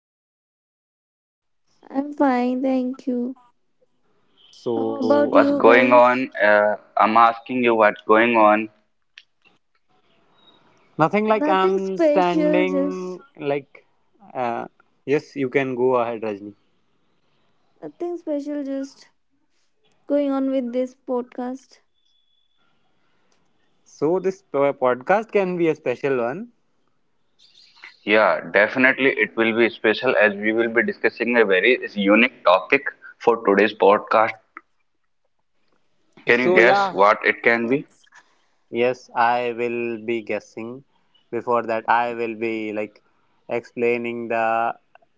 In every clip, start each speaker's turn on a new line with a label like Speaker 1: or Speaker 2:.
Speaker 1: I'm fine.
Speaker 2: I'm fine, thank you. How about
Speaker 3: So,
Speaker 1: What's
Speaker 2: you
Speaker 1: going
Speaker 2: guys?
Speaker 1: on? I'm asking you what's going on.
Speaker 3: nothing like
Speaker 2: Nothing
Speaker 3: I'm
Speaker 2: special, just
Speaker 3: standing like uh, yes, you can go ahead Rajni.
Speaker 2: nothing special, just going on with this podcast.
Speaker 3: So, this podcast can be a special one.
Speaker 1: Yeah, definitely it will be special as we will be discussing a very unique topic for today's podcast. Can you
Speaker 3: So,
Speaker 1: guess
Speaker 3: yeah,
Speaker 1: what it can be?
Speaker 3: Yes, I will be guessing. Before that, I will be like explaining the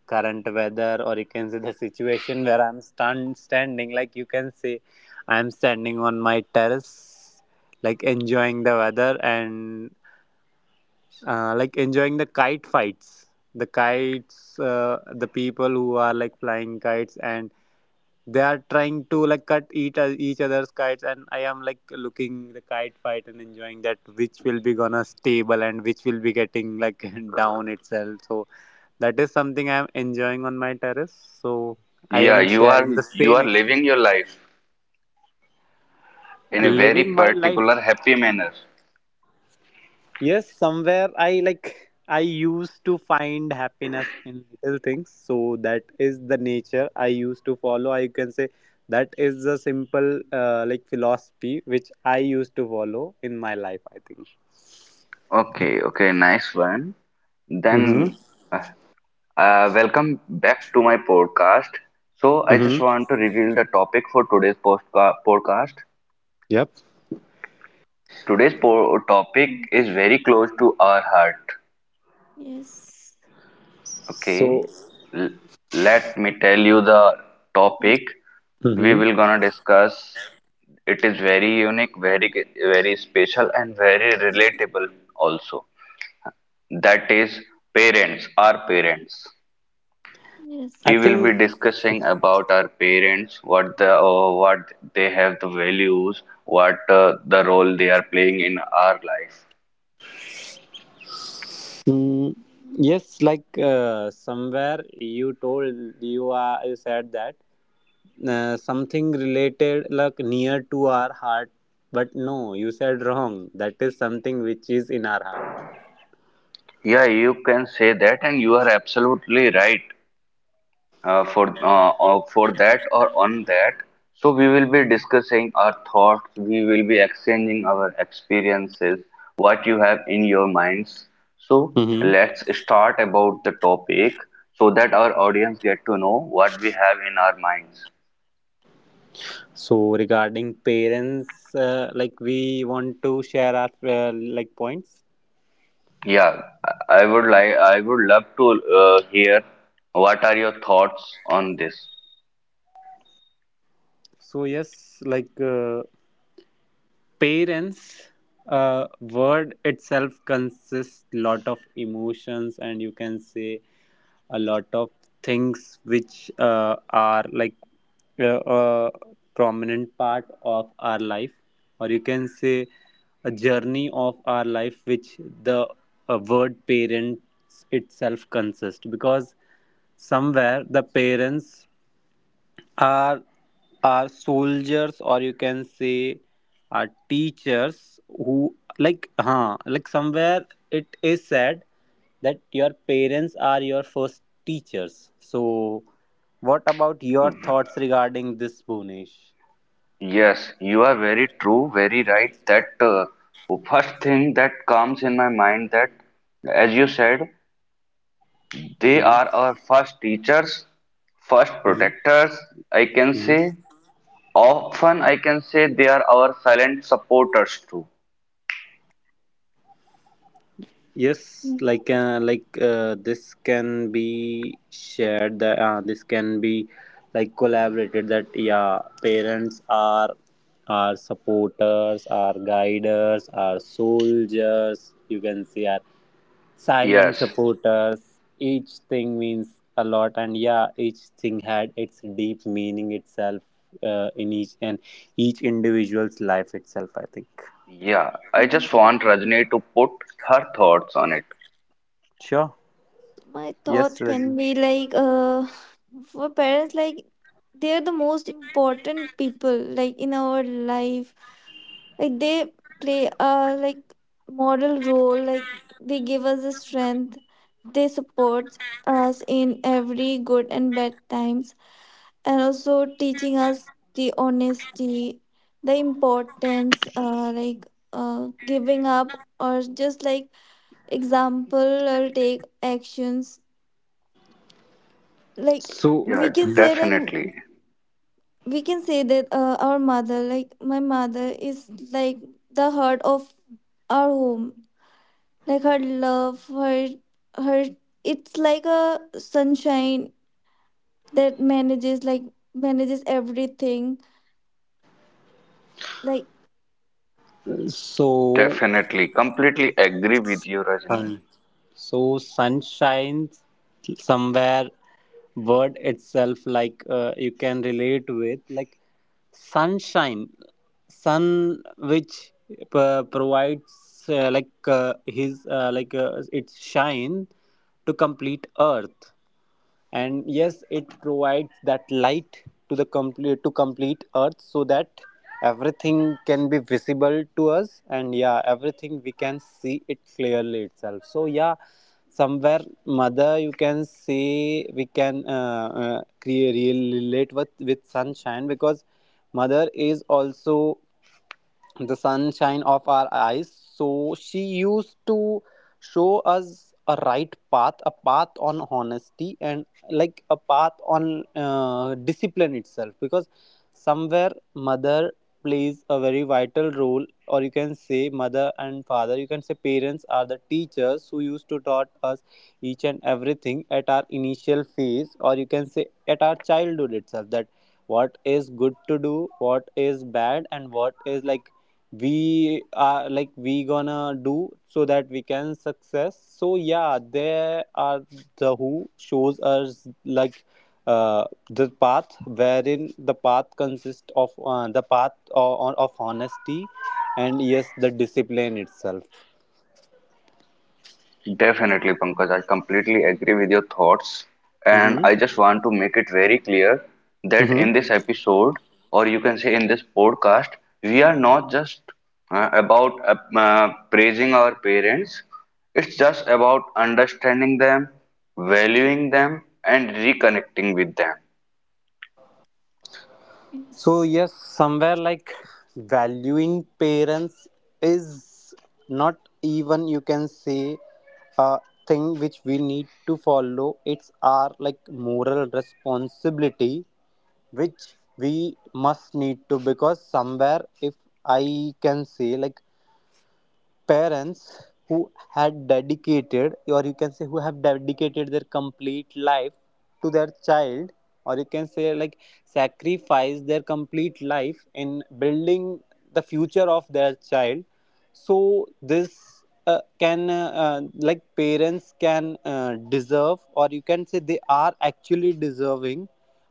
Speaker 3: current weather, or you can see the situation where I'm standing. Like you can see, I'm standing on my terrace, like enjoying the weather, and like enjoying the kite fights, the people who are like flying kites and they are trying to like cut each other's kites, and I am like looking the kite fight and enjoying that, which will be gonna stable and which will be getting like down itself. So that is something I am enjoying on my terrace, so I
Speaker 1: Yeah,
Speaker 3: am
Speaker 1: you
Speaker 3: sharing
Speaker 1: are
Speaker 3: the
Speaker 1: you
Speaker 3: same
Speaker 1: are living
Speaker 3: experience,
Speaker 1: your life in a very
Speaker 3: living my life.
Speaker 1: particular happy manner.
Speaker 3: Yes, somewhere I used to find happiness in little things. So that is the nature I used to follow. I can say that is the simple like philosophy which I used to follow in my life, I think.
Speaker 1: Okay, okay, nice one. Then
Speaker 3: Mm-hmm.
Speaker 1: uh, welcome back to my podcast. So, I just
Speaker 3: Mm-hmm.
Speaker 1: want to reveal the topic for today's podcast.
Speaker 3: Yep.
Speaker 1: Today's topic is very close to our heart.
Speaker 2: Yes,
Speaker 3: So
Speaker 1: Okay, L- let me tell you the topic we
Speaker 3: hmm.
Speaker 1: will gonna discuss. It is very unique, very very special, and very relatable also. That is parents, our parents.
Speaker 3: I
Speaker 1: We will be
Speaker 3: think
Speaker 1: discussing about our parents, what the what they have the values, what the role they are playing in our life.
Speaker 3: mm, yes, like somewhere you told, you said that, something related like near to our heart. But no, you said wrong, that is something which is in our heart.
Speaker 1: Yeah, you can say that, and you are absolutely right for that or on that. So we will be discussing our thoughts. We will be exchanging our experiences, what you have in your minds. So
Speaker 3: Mm-hmm.
Speaker 1: let's start about the topic so that our audience get to know what we have in our minds.
Speaker 3: So regarding parents, like we want to share our like points.
Speaker 1: Yeah, I would love to hear what are your thoughts on this.
Speaker 3: So yes, like parents, word itself consists lot of emotions, and you can say a lot of things which are like a prominent part of our life, or you can say a journey of our life, which the word parents itself consists, because somewhere the parents are soldiers, or you can say are teachers who like huh like somewhere it is said that your parents are your first teachers. So what about your thoughts regarding this, bonish
Speaker 1: Yes, you are very true, very right. That First thing that comes in my mind that, as you said, they
Speaker 3: mm-hmm.
Speaker 1: are our first teachers, first protectors, I can say. Often, I can say they are our silent supporters too.
Speaker 3: Yes,
Speaker 2: yes.
Speaker 3: like this can be shared. That this can be like collaborated. That yeah, parents are supporters, are guiders, are soldiers. You can see are silent
Speaker 1: Yes,
Speaker 3: supporters. Each thing means a lot, and yeah, each thing had its deep meaning itself in each individual's life itself, I think.
Speaker 1: yeah. I just want Rajni to put her thoughts on it.
Speaker 3: Sure.
Speaker 2: My thought
Speaker 3: Yes,
Speaker 2: can
Speaker 3: Rajni.
Speaker 2: be like for parents, like they're the most important people like in our life, like they play a like model role, like they give us the strength, they support us in every good and bad times, and also teaching us the honesty, the importance giving up, or just like example or take actions. Like
Speaker 3: So.
Speaker 2: we
Speaker 1: Yeah,
Speaker 2: can say like
Speaker 1: definitely.
Speaker 2: we can say that our mother, like my mother, is like the heart of our home. Like her love, her it's like a sunshine that manages everything like.
Speaker 3: So,
Speaker 1: Definitely, completely agree with you, Rajni.
Speaker 3: Sun. So sun shines somewhere. Word itself, like you can relate with, like sunshine, sun which provides like his like its shine to complete earth, and yes, it provides that light to the complete earth, so that everything can be visible to us, and yeah, everything we can see it clearly itself. So yeah, somewhere mother, you can say we can create relate with sunshine, because mother is also the sunshine of our eyes. So she used to show us a right path, a path on honesty, and like a path on discipline itself, because somewhere mother plays a very vital role, or you can say mother and father, you can say parents are the teachers who used to taught us each and everything at our initial phase, or you can say at our childhood itself, that what is good to do, what is bad, and what is like we are like we gonna do so that we can success. So yeah, there are the who shows us like the path wherein the path consists of the path of honesty and yes the discipline itself.
Speaker 1: Definitely, Pankaj, I completely agree with your thoughts. And
Speaker 3: Mm-hmm.
Speaker 1: I just want to make it very clear that
Speaker 3: Mm-hmm.
Speaker 1: in this episode, or you can say in this podcast, we are not just about praising our parents, it's just about understanding them, valuing them, and reconnecting with them.
Speaker 3: So,
Speaker 2: Yes.
Speaker 3: yes, somewhere like valuing parents is not even you can say a thing which we need to follow. It's our like moral responsibility which we must need to, because somewhere if I can say like parents who had dedicated, or you can say who have dedicated their complete life to their child, or you can say like sacrifice their complete life in building the future of their child. So this can like parents can deserve, or you can say they are actually deserving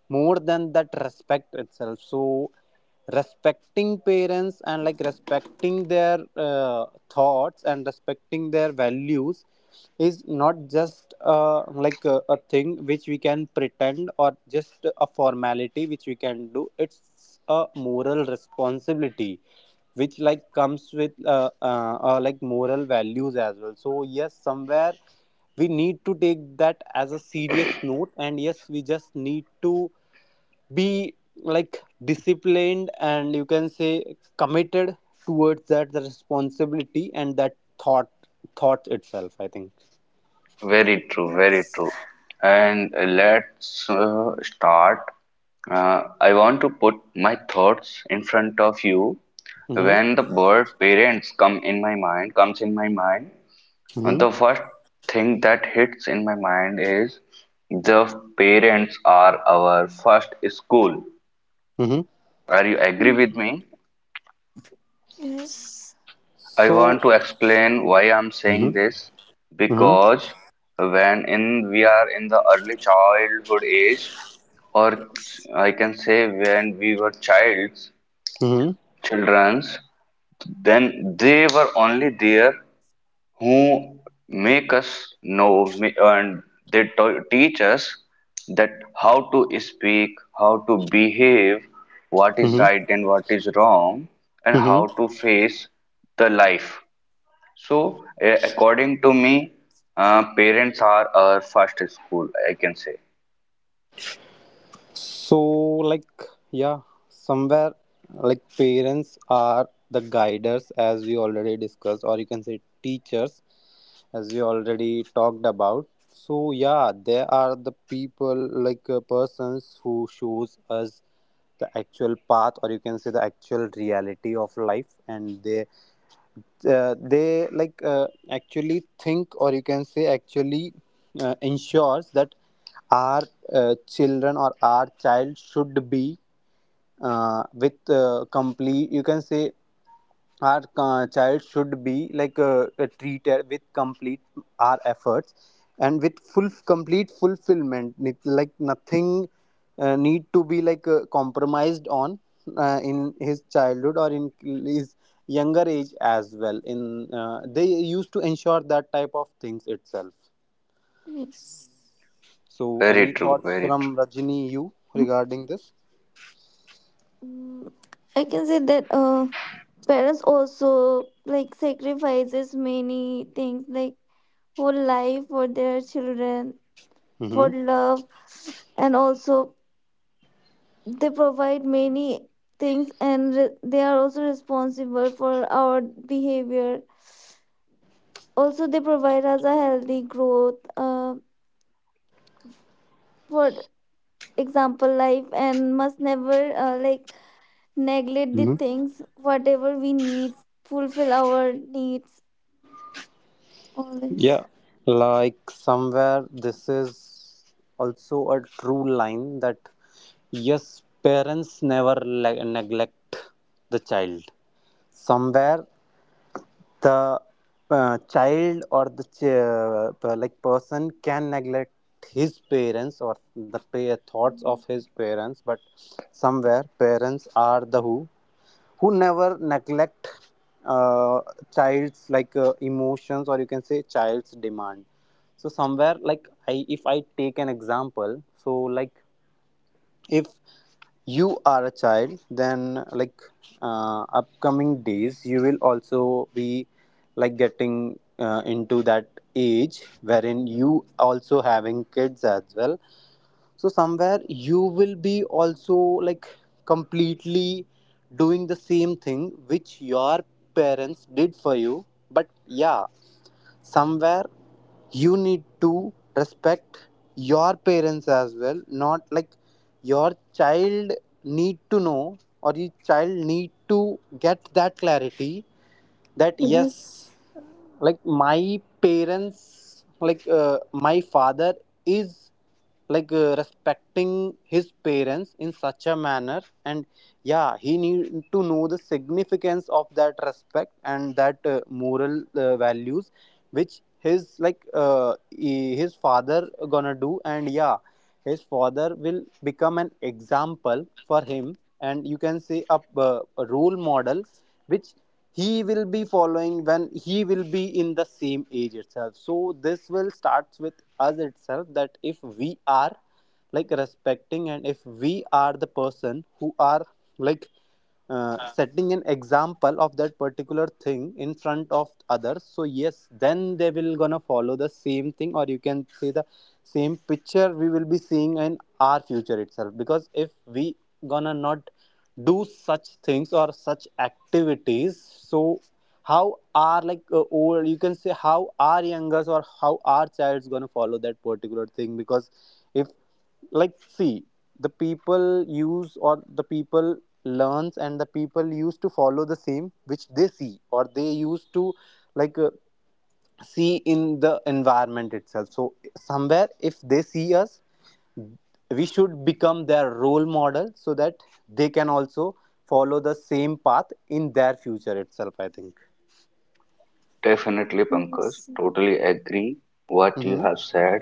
Speaker 3: more than that respect itself. So respecting parents and like respecting their thoughts and respecting their values is not just like a thing which we can pretend or just a formality which we can do, it's a moral responsibility which like comes with like moral values as well. So yes, somewhere we need to take that as a serious note, and yes, we just need to be like disciplined and you can say committed towards that the responsibility and that thought thought itself, I think.
Speaker 1: Very true, very
Speaker 2: Yes.
Speaker 1: true. And let's start. I want to put my thoughts in front of you.
Speaker 3: Mm-hmm.
Speaker 1: When the word parents come in my mind, comes in my mind,
Speaker 3: Mm-hmm.
Speaker 1: the first thing that hits in my mind is the parents are our first school.
Speaker 3: Mm-hmm.
Speaker 1: Are you agree with me?
Speaker 2: Yes.
Speaker 1: I
Speaker 3: So
Speaker 1: want to explain why I'm
Speaker 3: mm-hmm.
Speaker 1: saying this
Speaker 3: Mm-hmm.
Speaker 1: because when in we are in the early childhood age, or
Speaker 2: Yes,
Speaker 1: I can say when we were childs,
Speaker 3: Mm-hmm.
Speaker 1: childrens, then they were only there who make us know and they teach us that how to speak, how to behave, what is right and what is wrong, and how
Speaker 3: Mm-hmm.
Speaker 1: to face the life. So, according to me, parents are our first school, I can say.
Speaker 3: So, like, yeah, somewhere like parents are the guiders, as we already discussed, or you can say teachers, as we already talked about. So, yeah, they are the people, like persons who shows us the actual path, or you can say the actual reality of life, and they like actually think, or you can say actually ensures that our children, or our child should be with complete, you can say our child should be like treated with complete our efforts and with full complete fulfillment. Like nothing need to be like compromised on in his childhood, or in his younger age as well, in they used to ensure that type of things itself.
Speaker 2: yes.
Speaker 3: So any
Speaker 1: Very true,
Speaker 3: thoughts
Speaker 1: very
Speaker 3: from
Speaker 1: true.
Speaker 3: rajini you regarding this?
Speaker 2: Mm, I can say that parents also like sacrifices many things, like whole life for their children,
Speaker 3: Mm-hmm.
Speaker 2: for love, and also they provide many things and they are also responsible for our behavior. Also, they provide us a healthy growth. For example, life, and must never neglect the things whatever we need, fulfill our needs. All this.
Speaker 3: Yeah, like somewhere this is also a true line that yes, parents never neglect the child. Somewhere the child or the ch- like person can neglect his parents or the thoughts of his parents, but somewhere parents are the who never neglect uh, child's like emotions, or you can say child's demand. So somewhere like I if I take an example, so like if you are a child, then like upcoming days you will also be like getting into that age wherein you also having kids as well. So somewhere you will be also like completely doing the same thing which your parents did for you. But yeah, somewhere you need to respect your parents as well, not like your child need to know, or your child need to get that clarity, that yes,
Speaker 2: Yes.
Speaker 3: like my parents, like my father is like respecting his parents in such a manner, and yeah, he need to know the significance of that respect and that moral values which his like his father gonna do. And yeah, his father will become an example for him, and you can say a role model which he will be following when he will be in the same age itself. So this will starts with us itself, that if we are like respecting, and if we are the person who are like setting an example of that particular thing in front of others, so yes, then they will gonna follow the same thing, or you can say the same picture we will be seeing in our future itself. Because if we gonna not do such things or such activities, so how are like old you can say how our youngers or how our child's gonna follow that particular thing? Because if like see, the people use, or the people learns, and the people used to follow the same which they see, or they used to like see in the environment itself. So somewhere if they see us, we should become their role model, so that they can also follow the same path in their future itself, I think.
Speaker 1: Definitely, Pankaj.
Speaker 2: Yes.
Speaker 1: Totally agree what you
Speaker 3: Mm-hmm.
Speaker 1: have said.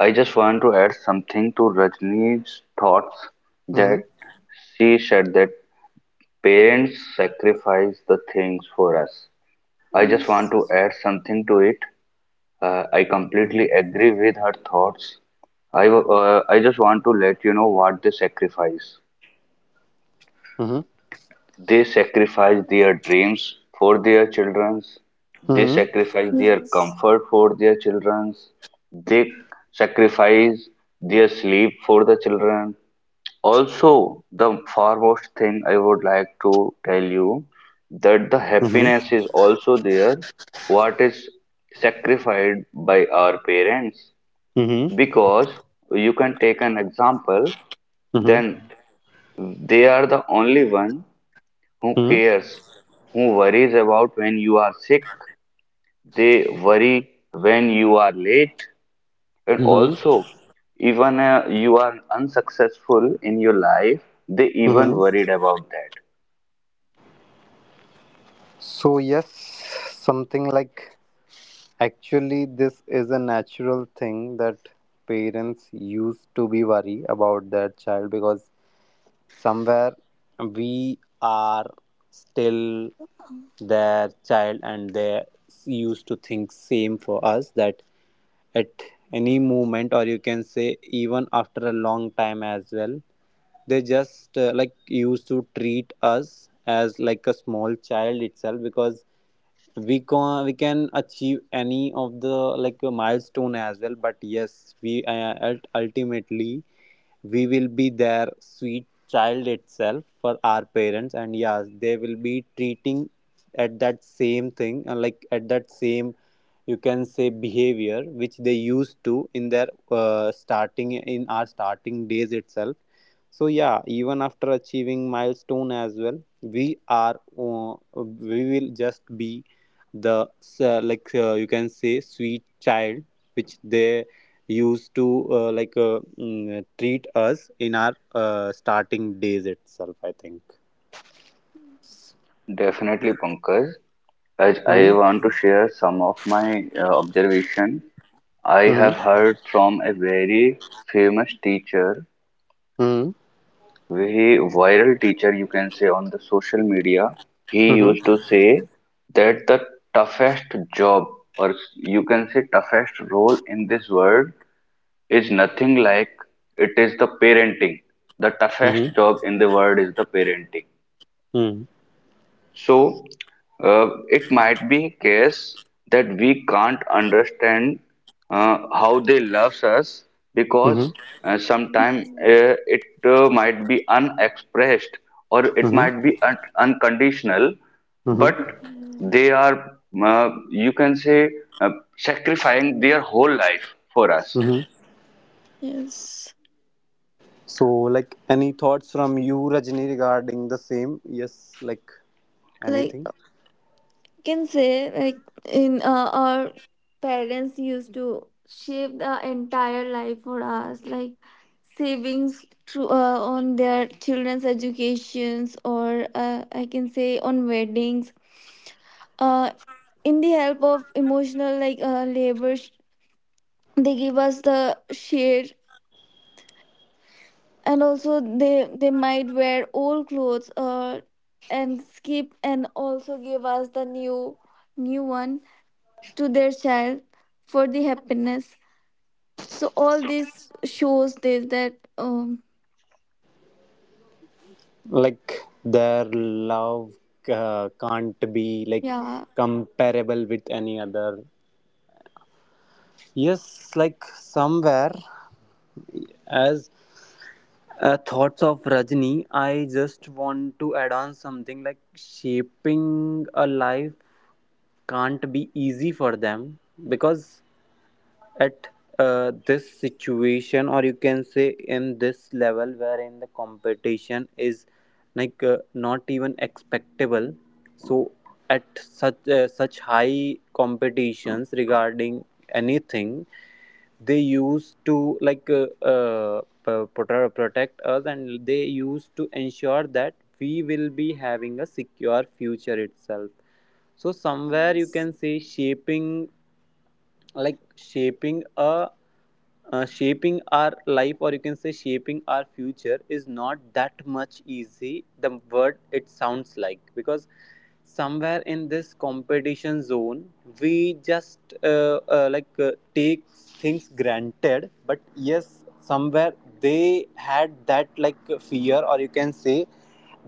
Speaker 1: I just want to add something to Rajni's thoughts that
Speaker 3: Mm-hmm.
Speaker 1: she said that parents sacrifice the things for us. I just want
Speaker 2: Yes.
Speaker 1: to add something to it. I completely
Speaker 3: Mm-hmm.
Speaker 1: agree with her thoughts. I just want to let you know what they sacrifice.
Speaker 3: Mm-hmm.
Speaker 1: They sacrifice their dreams for their children's. They
Speaker 3: Mm-hmm.
Speaker 1: sacrifice their
Speaker 2: Yes.
Speaker 1: comfort for their children's. They sacrifice their sleep for the children. Also, the foremost thing I would like to tell you that the
Speaker 3: Mm-hmm. Mm-hmm.
Speaker 1: happiness is also there what is sacrificed by our parents
Speaker 3: Mm-hmm.
Speaker 1: because you can take an example
Speaker 3: Mm-hmm.
Speaker 1: then they are the only one who
Speaker 3: Mm-hmm.
Speaker 1: cares? Who worries about when you are sick? They worry when you are late. And
Speaker 3: Mm-hmm.
Speaker 1: also, even you are unsuccessful in your life, they even
Speaker 3: Mm-hmm.
Speaker 1: worried about that.
Speaker 3: So, yes, something like actually, this is a natural thing that parents used to be worry about their child, because somewhere we are still their child, and they used to think same for us, that at any moment, or you can say even after a long time as well, they just like used to treat us as like a small child itself, because we can achieve any of the like a milestone as well, but yes, we ultimately we will be their sweet child itself for our parents, and yes, they will be treating at that same thing like at that same, you can say behavior which they used to in their starting in our starting days itself. So yeah, even after achieving milestone as well, we are uh, we will just be the you can say sweet child, which they used to treat us in our starting days itself, I think.
Speaker 1: Definitely, Pankaj. As I
Speaker 3: Hmm.
Speaker 1: want to share some of my observation, I
Speaker 3: Hmm.
Speaker 1: have heard from a very famous teacher,
Speaker 3: Hmm.
Speaker 1: Ve viral teacher, you can say on the social media, he
Speaker 3: Hmm. Hmm.
Speaker 1: used to say that the toughest job, or you can say toughest role in this world, is nothing like it is the parenting. The toughest job in the world is the parenting.
Speaker 3: Hmm.
Speaker 1: So, it might be case that we can't understand how they loves us
Speaker 3: Hmm. Hmm. Hmm.
Speaker 1: because uh,
Speaker 2: Yes.
Speaker 1: sometime uh, it uh, might be unexpressed or
Speaker 3: Hmm.
Speaker 1: it
Speaker 3: Hmm?
Speaker 1: might be unconditional,
Speaker 3: Hmm?
Speaker 1: but
Speaker 2: Mm.
Speaker 1: they are, you can say, uh, sacrificing their whole life for us.
Speaker 3: Hmm?
Speaker 2: Yes.
Speaker 3: So like any thoughts from you, Rajni, regarding the same? Yes, like
Speaker 2: Like
Speaker 3: anything.
Speaker 2: I can say like in our parents used to shape the entire life for us, like savings through on their children's educations, or I can say on weddings, uh in the help of emotional like labor they give us the share, and also they might wear old clothes and skip, and also give us the new one to their child for the happiness. So all this shows this that
Speaker 3: Like their love can't be like
Speaker 2: yeah.
Speaker 3: comparable with any other. Yes, like somewhere, as thoughts of Rajni, I just want to add on something. Like shaping a life can't be easy for them because at, this situation, or you can say in this level wherein the competition is like not even expectable. So at such such high competitions regarding anything, they used to like protect us, and they used to ensure that we will be having a secure future itself. So somewhere you can say shaping, like shaping our life, or you can say shaping our future is not that much easy the word it sounds like, because somewhere in this competition zone we just like take things granted. But yes, somewhere they had that like fear, or you can say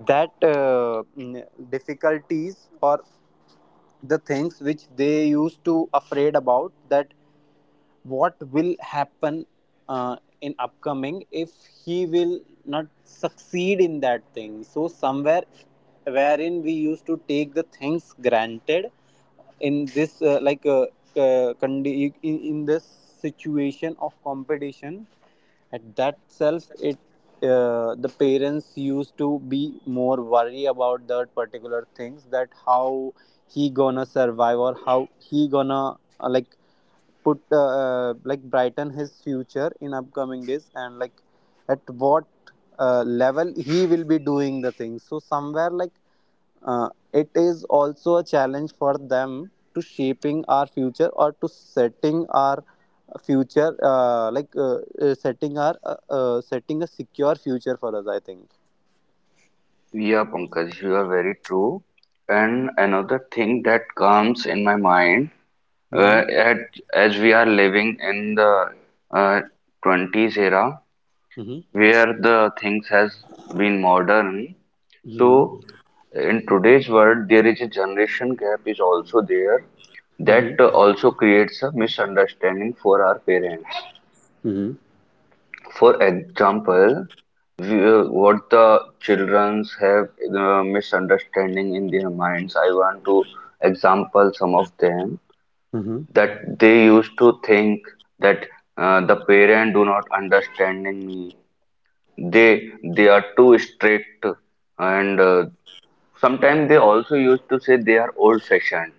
Speaker 3: that difficulties, or the things which they used to afraid about, that what will happen in upcoming if he will not succeed in that thing. So somewhere wherein we used to take the things granted in this uh, in this situation of competition, at that self it, the parents used to be more worry about that particular things, that how he gonna survive, or how he gonna like put like brighten his future in upcoming days. And like at what level he will be doing the things. So somewhere like uh, it is also a challenge for them to shaping our future, or to setting our future setting a secure future for us, I think.
Speaker 1: Yeah, Pankaj, you are very true. And another thing that comes in my mind
Speaker 3: Hmm.
Speaker 1: uh, at, as we are living in the uh, 20s era
Speaker 3: Mm-hmm.
Speaker 1: where the things has been modern,
Speaker 3: Mm-hmm.
Speaker 1: so in today's world there is a generation gap is also there that also creates a misunderstanding for our parents.
Speaker 3: Mm-hmm.
Speaker 1: For example, what the childrens have the misunderstanding in their minds, I want to example some of them,
Speaker 3: Mm-hmm.
Speaker 1: that they used to think that the parent do not understanding me, they they are too strict, and sometimes they also used to say they are old fashioned,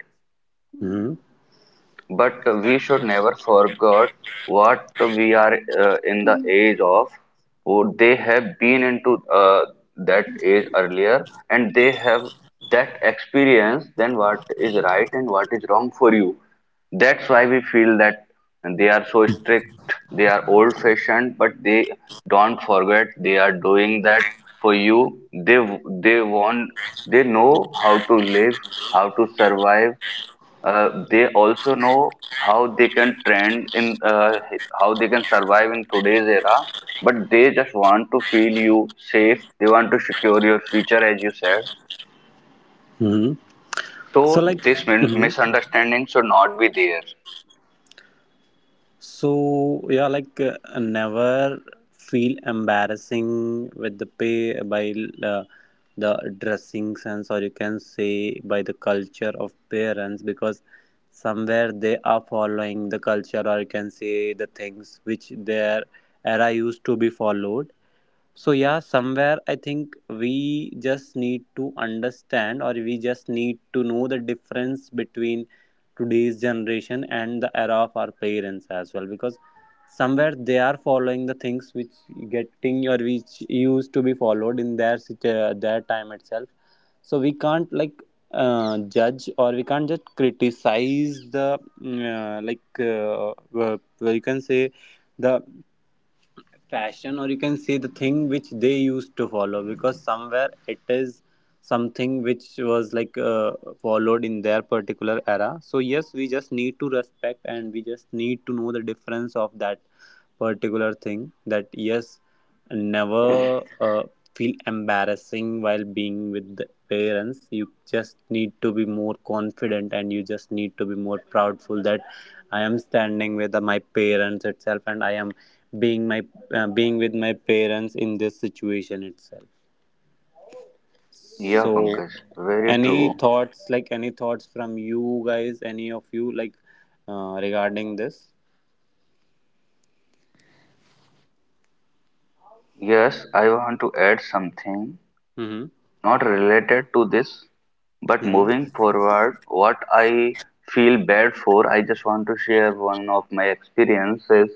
Speaker 1: but we should never forget what we are in the
Speaker 2: Mm.
Speaker 1: age of. Would they have been into that age earlier and they have that experience, then what is right and what is wrong for you. That's why we feel that they are so strict, they are old fashioned, but they don't forget they are doing that for you. They want, they know how to live, how to survive, they also know how they can trend in uh, how they can survive in today's era, but they just want to feel you safe, they want to secure your future as you said.
Speaker 3: Mm-hmm. So
Speaker 1: So
Speaker 3: like,
Speaker 1: this
Speaker 3: mm-hmm.
Speaker 1: misunderstanding should not be there.
Speaker 3: So yeah, like never feel embarrassing with the pay by, uh, the dressing sense, or you can say by the culture of parents, because somewhere they are following the culture, or you can say the things which their era used to be followed. So yeah, somewhere I think we just need to understand, or we just need to know the difference between today's generation and the era of our parents as well, because somewhere they are following the things which getting, or which used to be followed in their their time itself. So we can't like judge, or we can't just criticize the you can say the fashion, or you can say the thing which they used to follow, because somewhere it is something which was like followed in their particular era. So yes, we just need to respect, and we just need to know the difference of that particular thing, that yes, never uh, feel embarrassing while being with the parents. You just need to be more confident, and you just need to be more proudful that I am standing with my parents itself, and I am being my, being with my parents in this situation itself.
Speaker 1: Yeah
Speaker 3: So
Speaker 1: Pankaj, very
Speaker 3: any
Speaker 1: true.
Speaker 3: thoughts, like any thoughts from you guys, any of you, like regarding this?
Speaker 1: Yes, I want to add something
Speaker 3: Mm-hmm.
Speaker 1: not related to this, but moving forward what I feel bad for, I just want to share one of my experiences,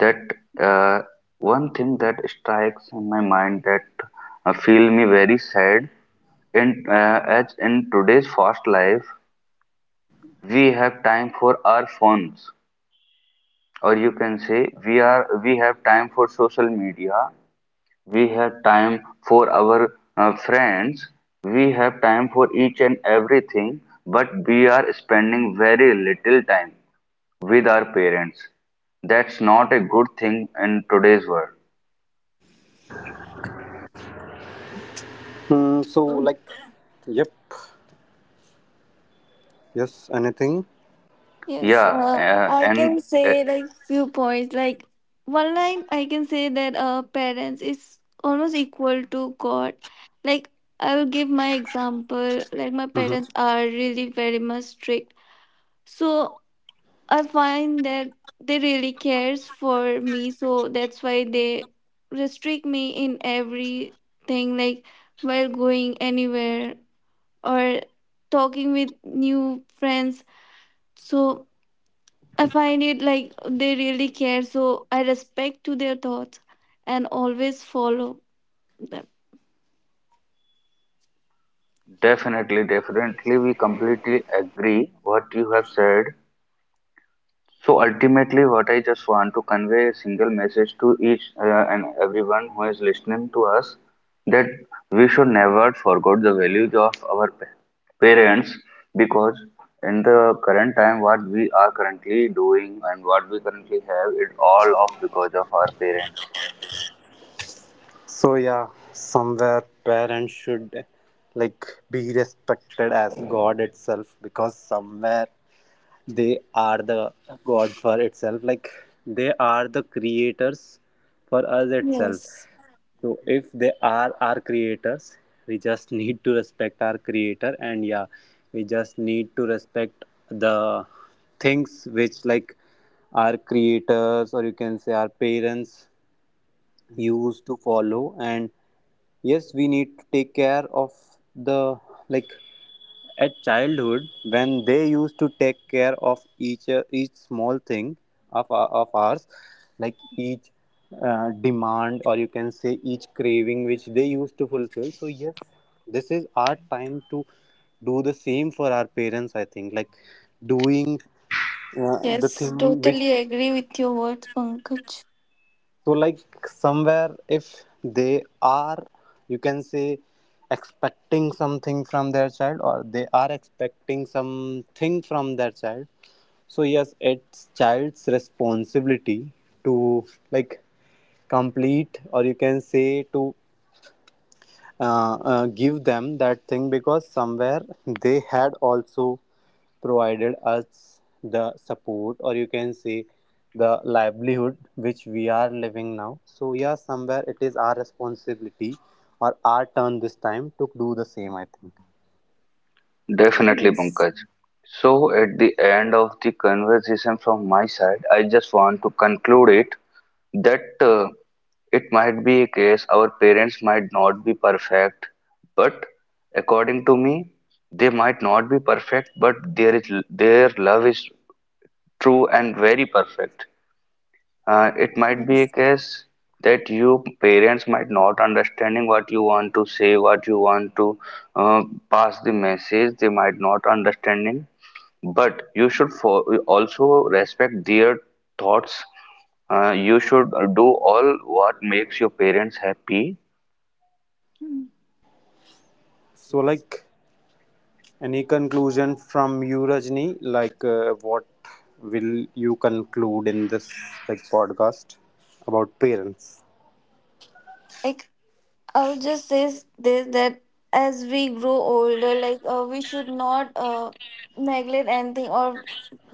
Speaker 1: that uh, one thing that strikes in my mind that feel me very sad, in as in today's fast life we have time for our phones, or you can say we have time for social media, we have time for our friends, we have time for each and everything, but we are spending very little time with our parents. That's not a good thing in today's world.
Speaker 3: Mm, so like, yep, yes, anything.
Speaker 2: Yes,
Speaker 1: Yeah,
Speaker 2: I
Speaker 1: and
Speaker 2: can say like few points. Like one line, I can say that parents is almost equal to God. Like I will give my example. Like my parents
Speaker 3: Mhm.
Speaker 2: are really very much strict, so I find that they really cares for me. So that's why they restrict me in everything. Like while going anywhere or talking with new friends. So I find it like they really care, so I respect to their thoughts and always follow them.
Speaker 1: Definitely, definitely, we completely agree what you have said. So ultimately, what I just want to convey a single message to each and everyone who is listening to us, that we should never forget the values of our parents, because in the current time, what we are currently doing and what we currently have, it all of because of our parents.
Speaker 3: So yeah, somewhere parents should like be respected as God itself, because somewhere they are the God for itself. Like they are the creators for us itself.
Speaker 2: Yes.
Speaker 3: So if they are our creators, we just need to respect our creator. And yeah, we just need to respect the things which like our creators, or you can say our parents used to follow. And yes, we need to take care of the, like, at childhood, when they used to take care of each small thing of of ours, like each demand, or you can say each craving which they used to fulfill. So yes, this is our time to do the same for our parents. I think like doing the
Speaker 2: Yes,
Speaker 3: thing which,
Speaker 2: totally agree with your words, Pankaj.
Speaker 3: so like somewhere, if they are, you can say, expecting something from their child, or they are expecting something from their child. So yes, it's child's responsibility to like complete, or you can say to give them that thing, because somewhere they had also provided us the support, or you can say the livelihood which we are living now. So yeah, somewhere it is our responsibility, or our turn this time to do the same. I think
Speaker 1: Definitely,
Speaker 2: Yes,
Speaker 1: Pankaj. So, at the end of the conversation from my side, I just want to conclude it, that it might be a case our parents might not be perfect, but according to me, they might not be perfect, but there is their love is true and very perfect. It might be a
Speaker 2: yes.
Speaker 1: case that you parents might not understanding what you want to say, what you want to uh, pass the message. They might not understanding, but you should for, also respect their thoughts. You should do all what makes your parents happy.
Speaker 3: so. Like, any conclusion from you, Rajni? Like, what will you conclude in this like podcast about parents?
Speaker 2: Like I would just say this that as we grow older, like we should not neglect anything, or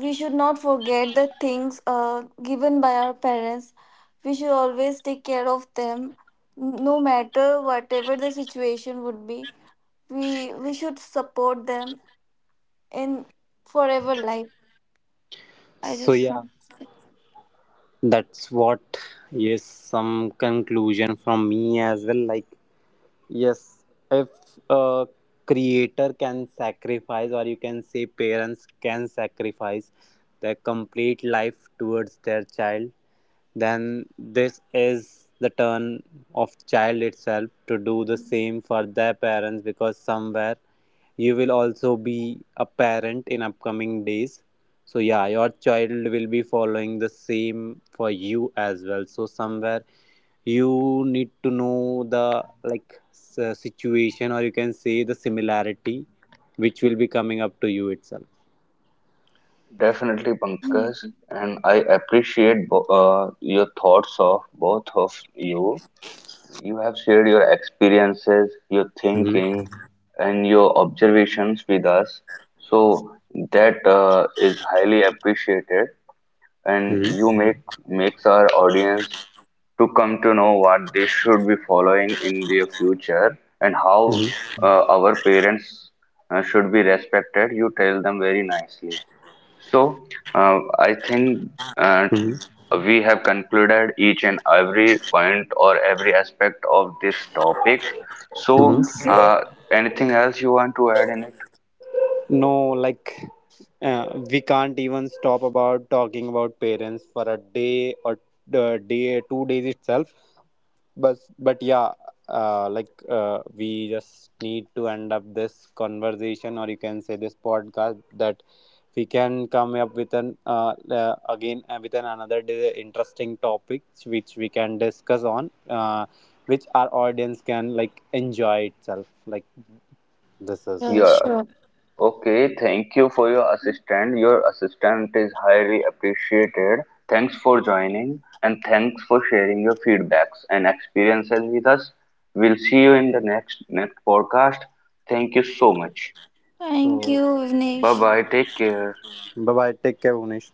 Speaker 2: we should not forget the things given by our parents. We should always take care of them, no matter whatever the situation would be. We should support them in forever life. I
Speaker 3: So
Speaker 2: just
Speaker 3: yeah,
Speaker 2: want to say.
Speaker 3: that's what. Yes, some conclusion from me as well. Like. Yes, if a creator can sacrifice, or you can say parents can sacrifice their complete life towards their child, then this is the turn of child itself to do the same for their parents, because somewhere you will also be a parent in upcoming days. So yeah, your child will be following the same for you as well. So somewhere you need to know the like, situation, or you can say the similarity, which will be coming up to you itself.
Speaker 1: Definitely, Pankaj, and I appreciate your thoughts of both of you. You have shared your experiences, your
Speaker 3: Hmm.
Speaker 1: thinking, and your observations with us. So that is highly appreciated, and
Speaker 3: Hmm.
Speaker 1: you make makes our audience to come to know what they should be following in their future and how
Speaker 3: Hmm.
Speaker 1: our parents should be respected. You tell them very nicely. So, I think uh,
Speaker 3: Hmm.
Speaker 1: we have concluded each and every point or every aspect of this topic.
Speaker 3: Hmm.
Speaker 2: Mm,
Speaker 1: So,
Speaker 2: so-
Speaker 1: anything else you want to add in it?
Speaker 3: No, like we can't even stop about talking about parents for a day, or day 2 days itself. But yeah, we just need to end up this conversation, or you can say this podcast, that we can come up with an again with an another interesting topics which we can discuss on, which our audience can like enjoy itself. Like this
Speaker 2: Yeah,
Speaker 3: is,
Speaker 1: Yeah.
Speaker 2: sure.
Speaker 1: Okay. Thank you for your assistant. Your assistant is highly appreciated. Thanks for joining and thanks for sharing your feedbacks and experiences with us. We'll see you in the next podcast. Thank you so much.
Speaker 2: Thank
Speaker 3: so,
Speaker 2: you,
Speaker 1: Bye
Speaker 2: Vignesh.
Speaker 1: bye. Take care.
Speaker 3: bye bye, take care, Unish.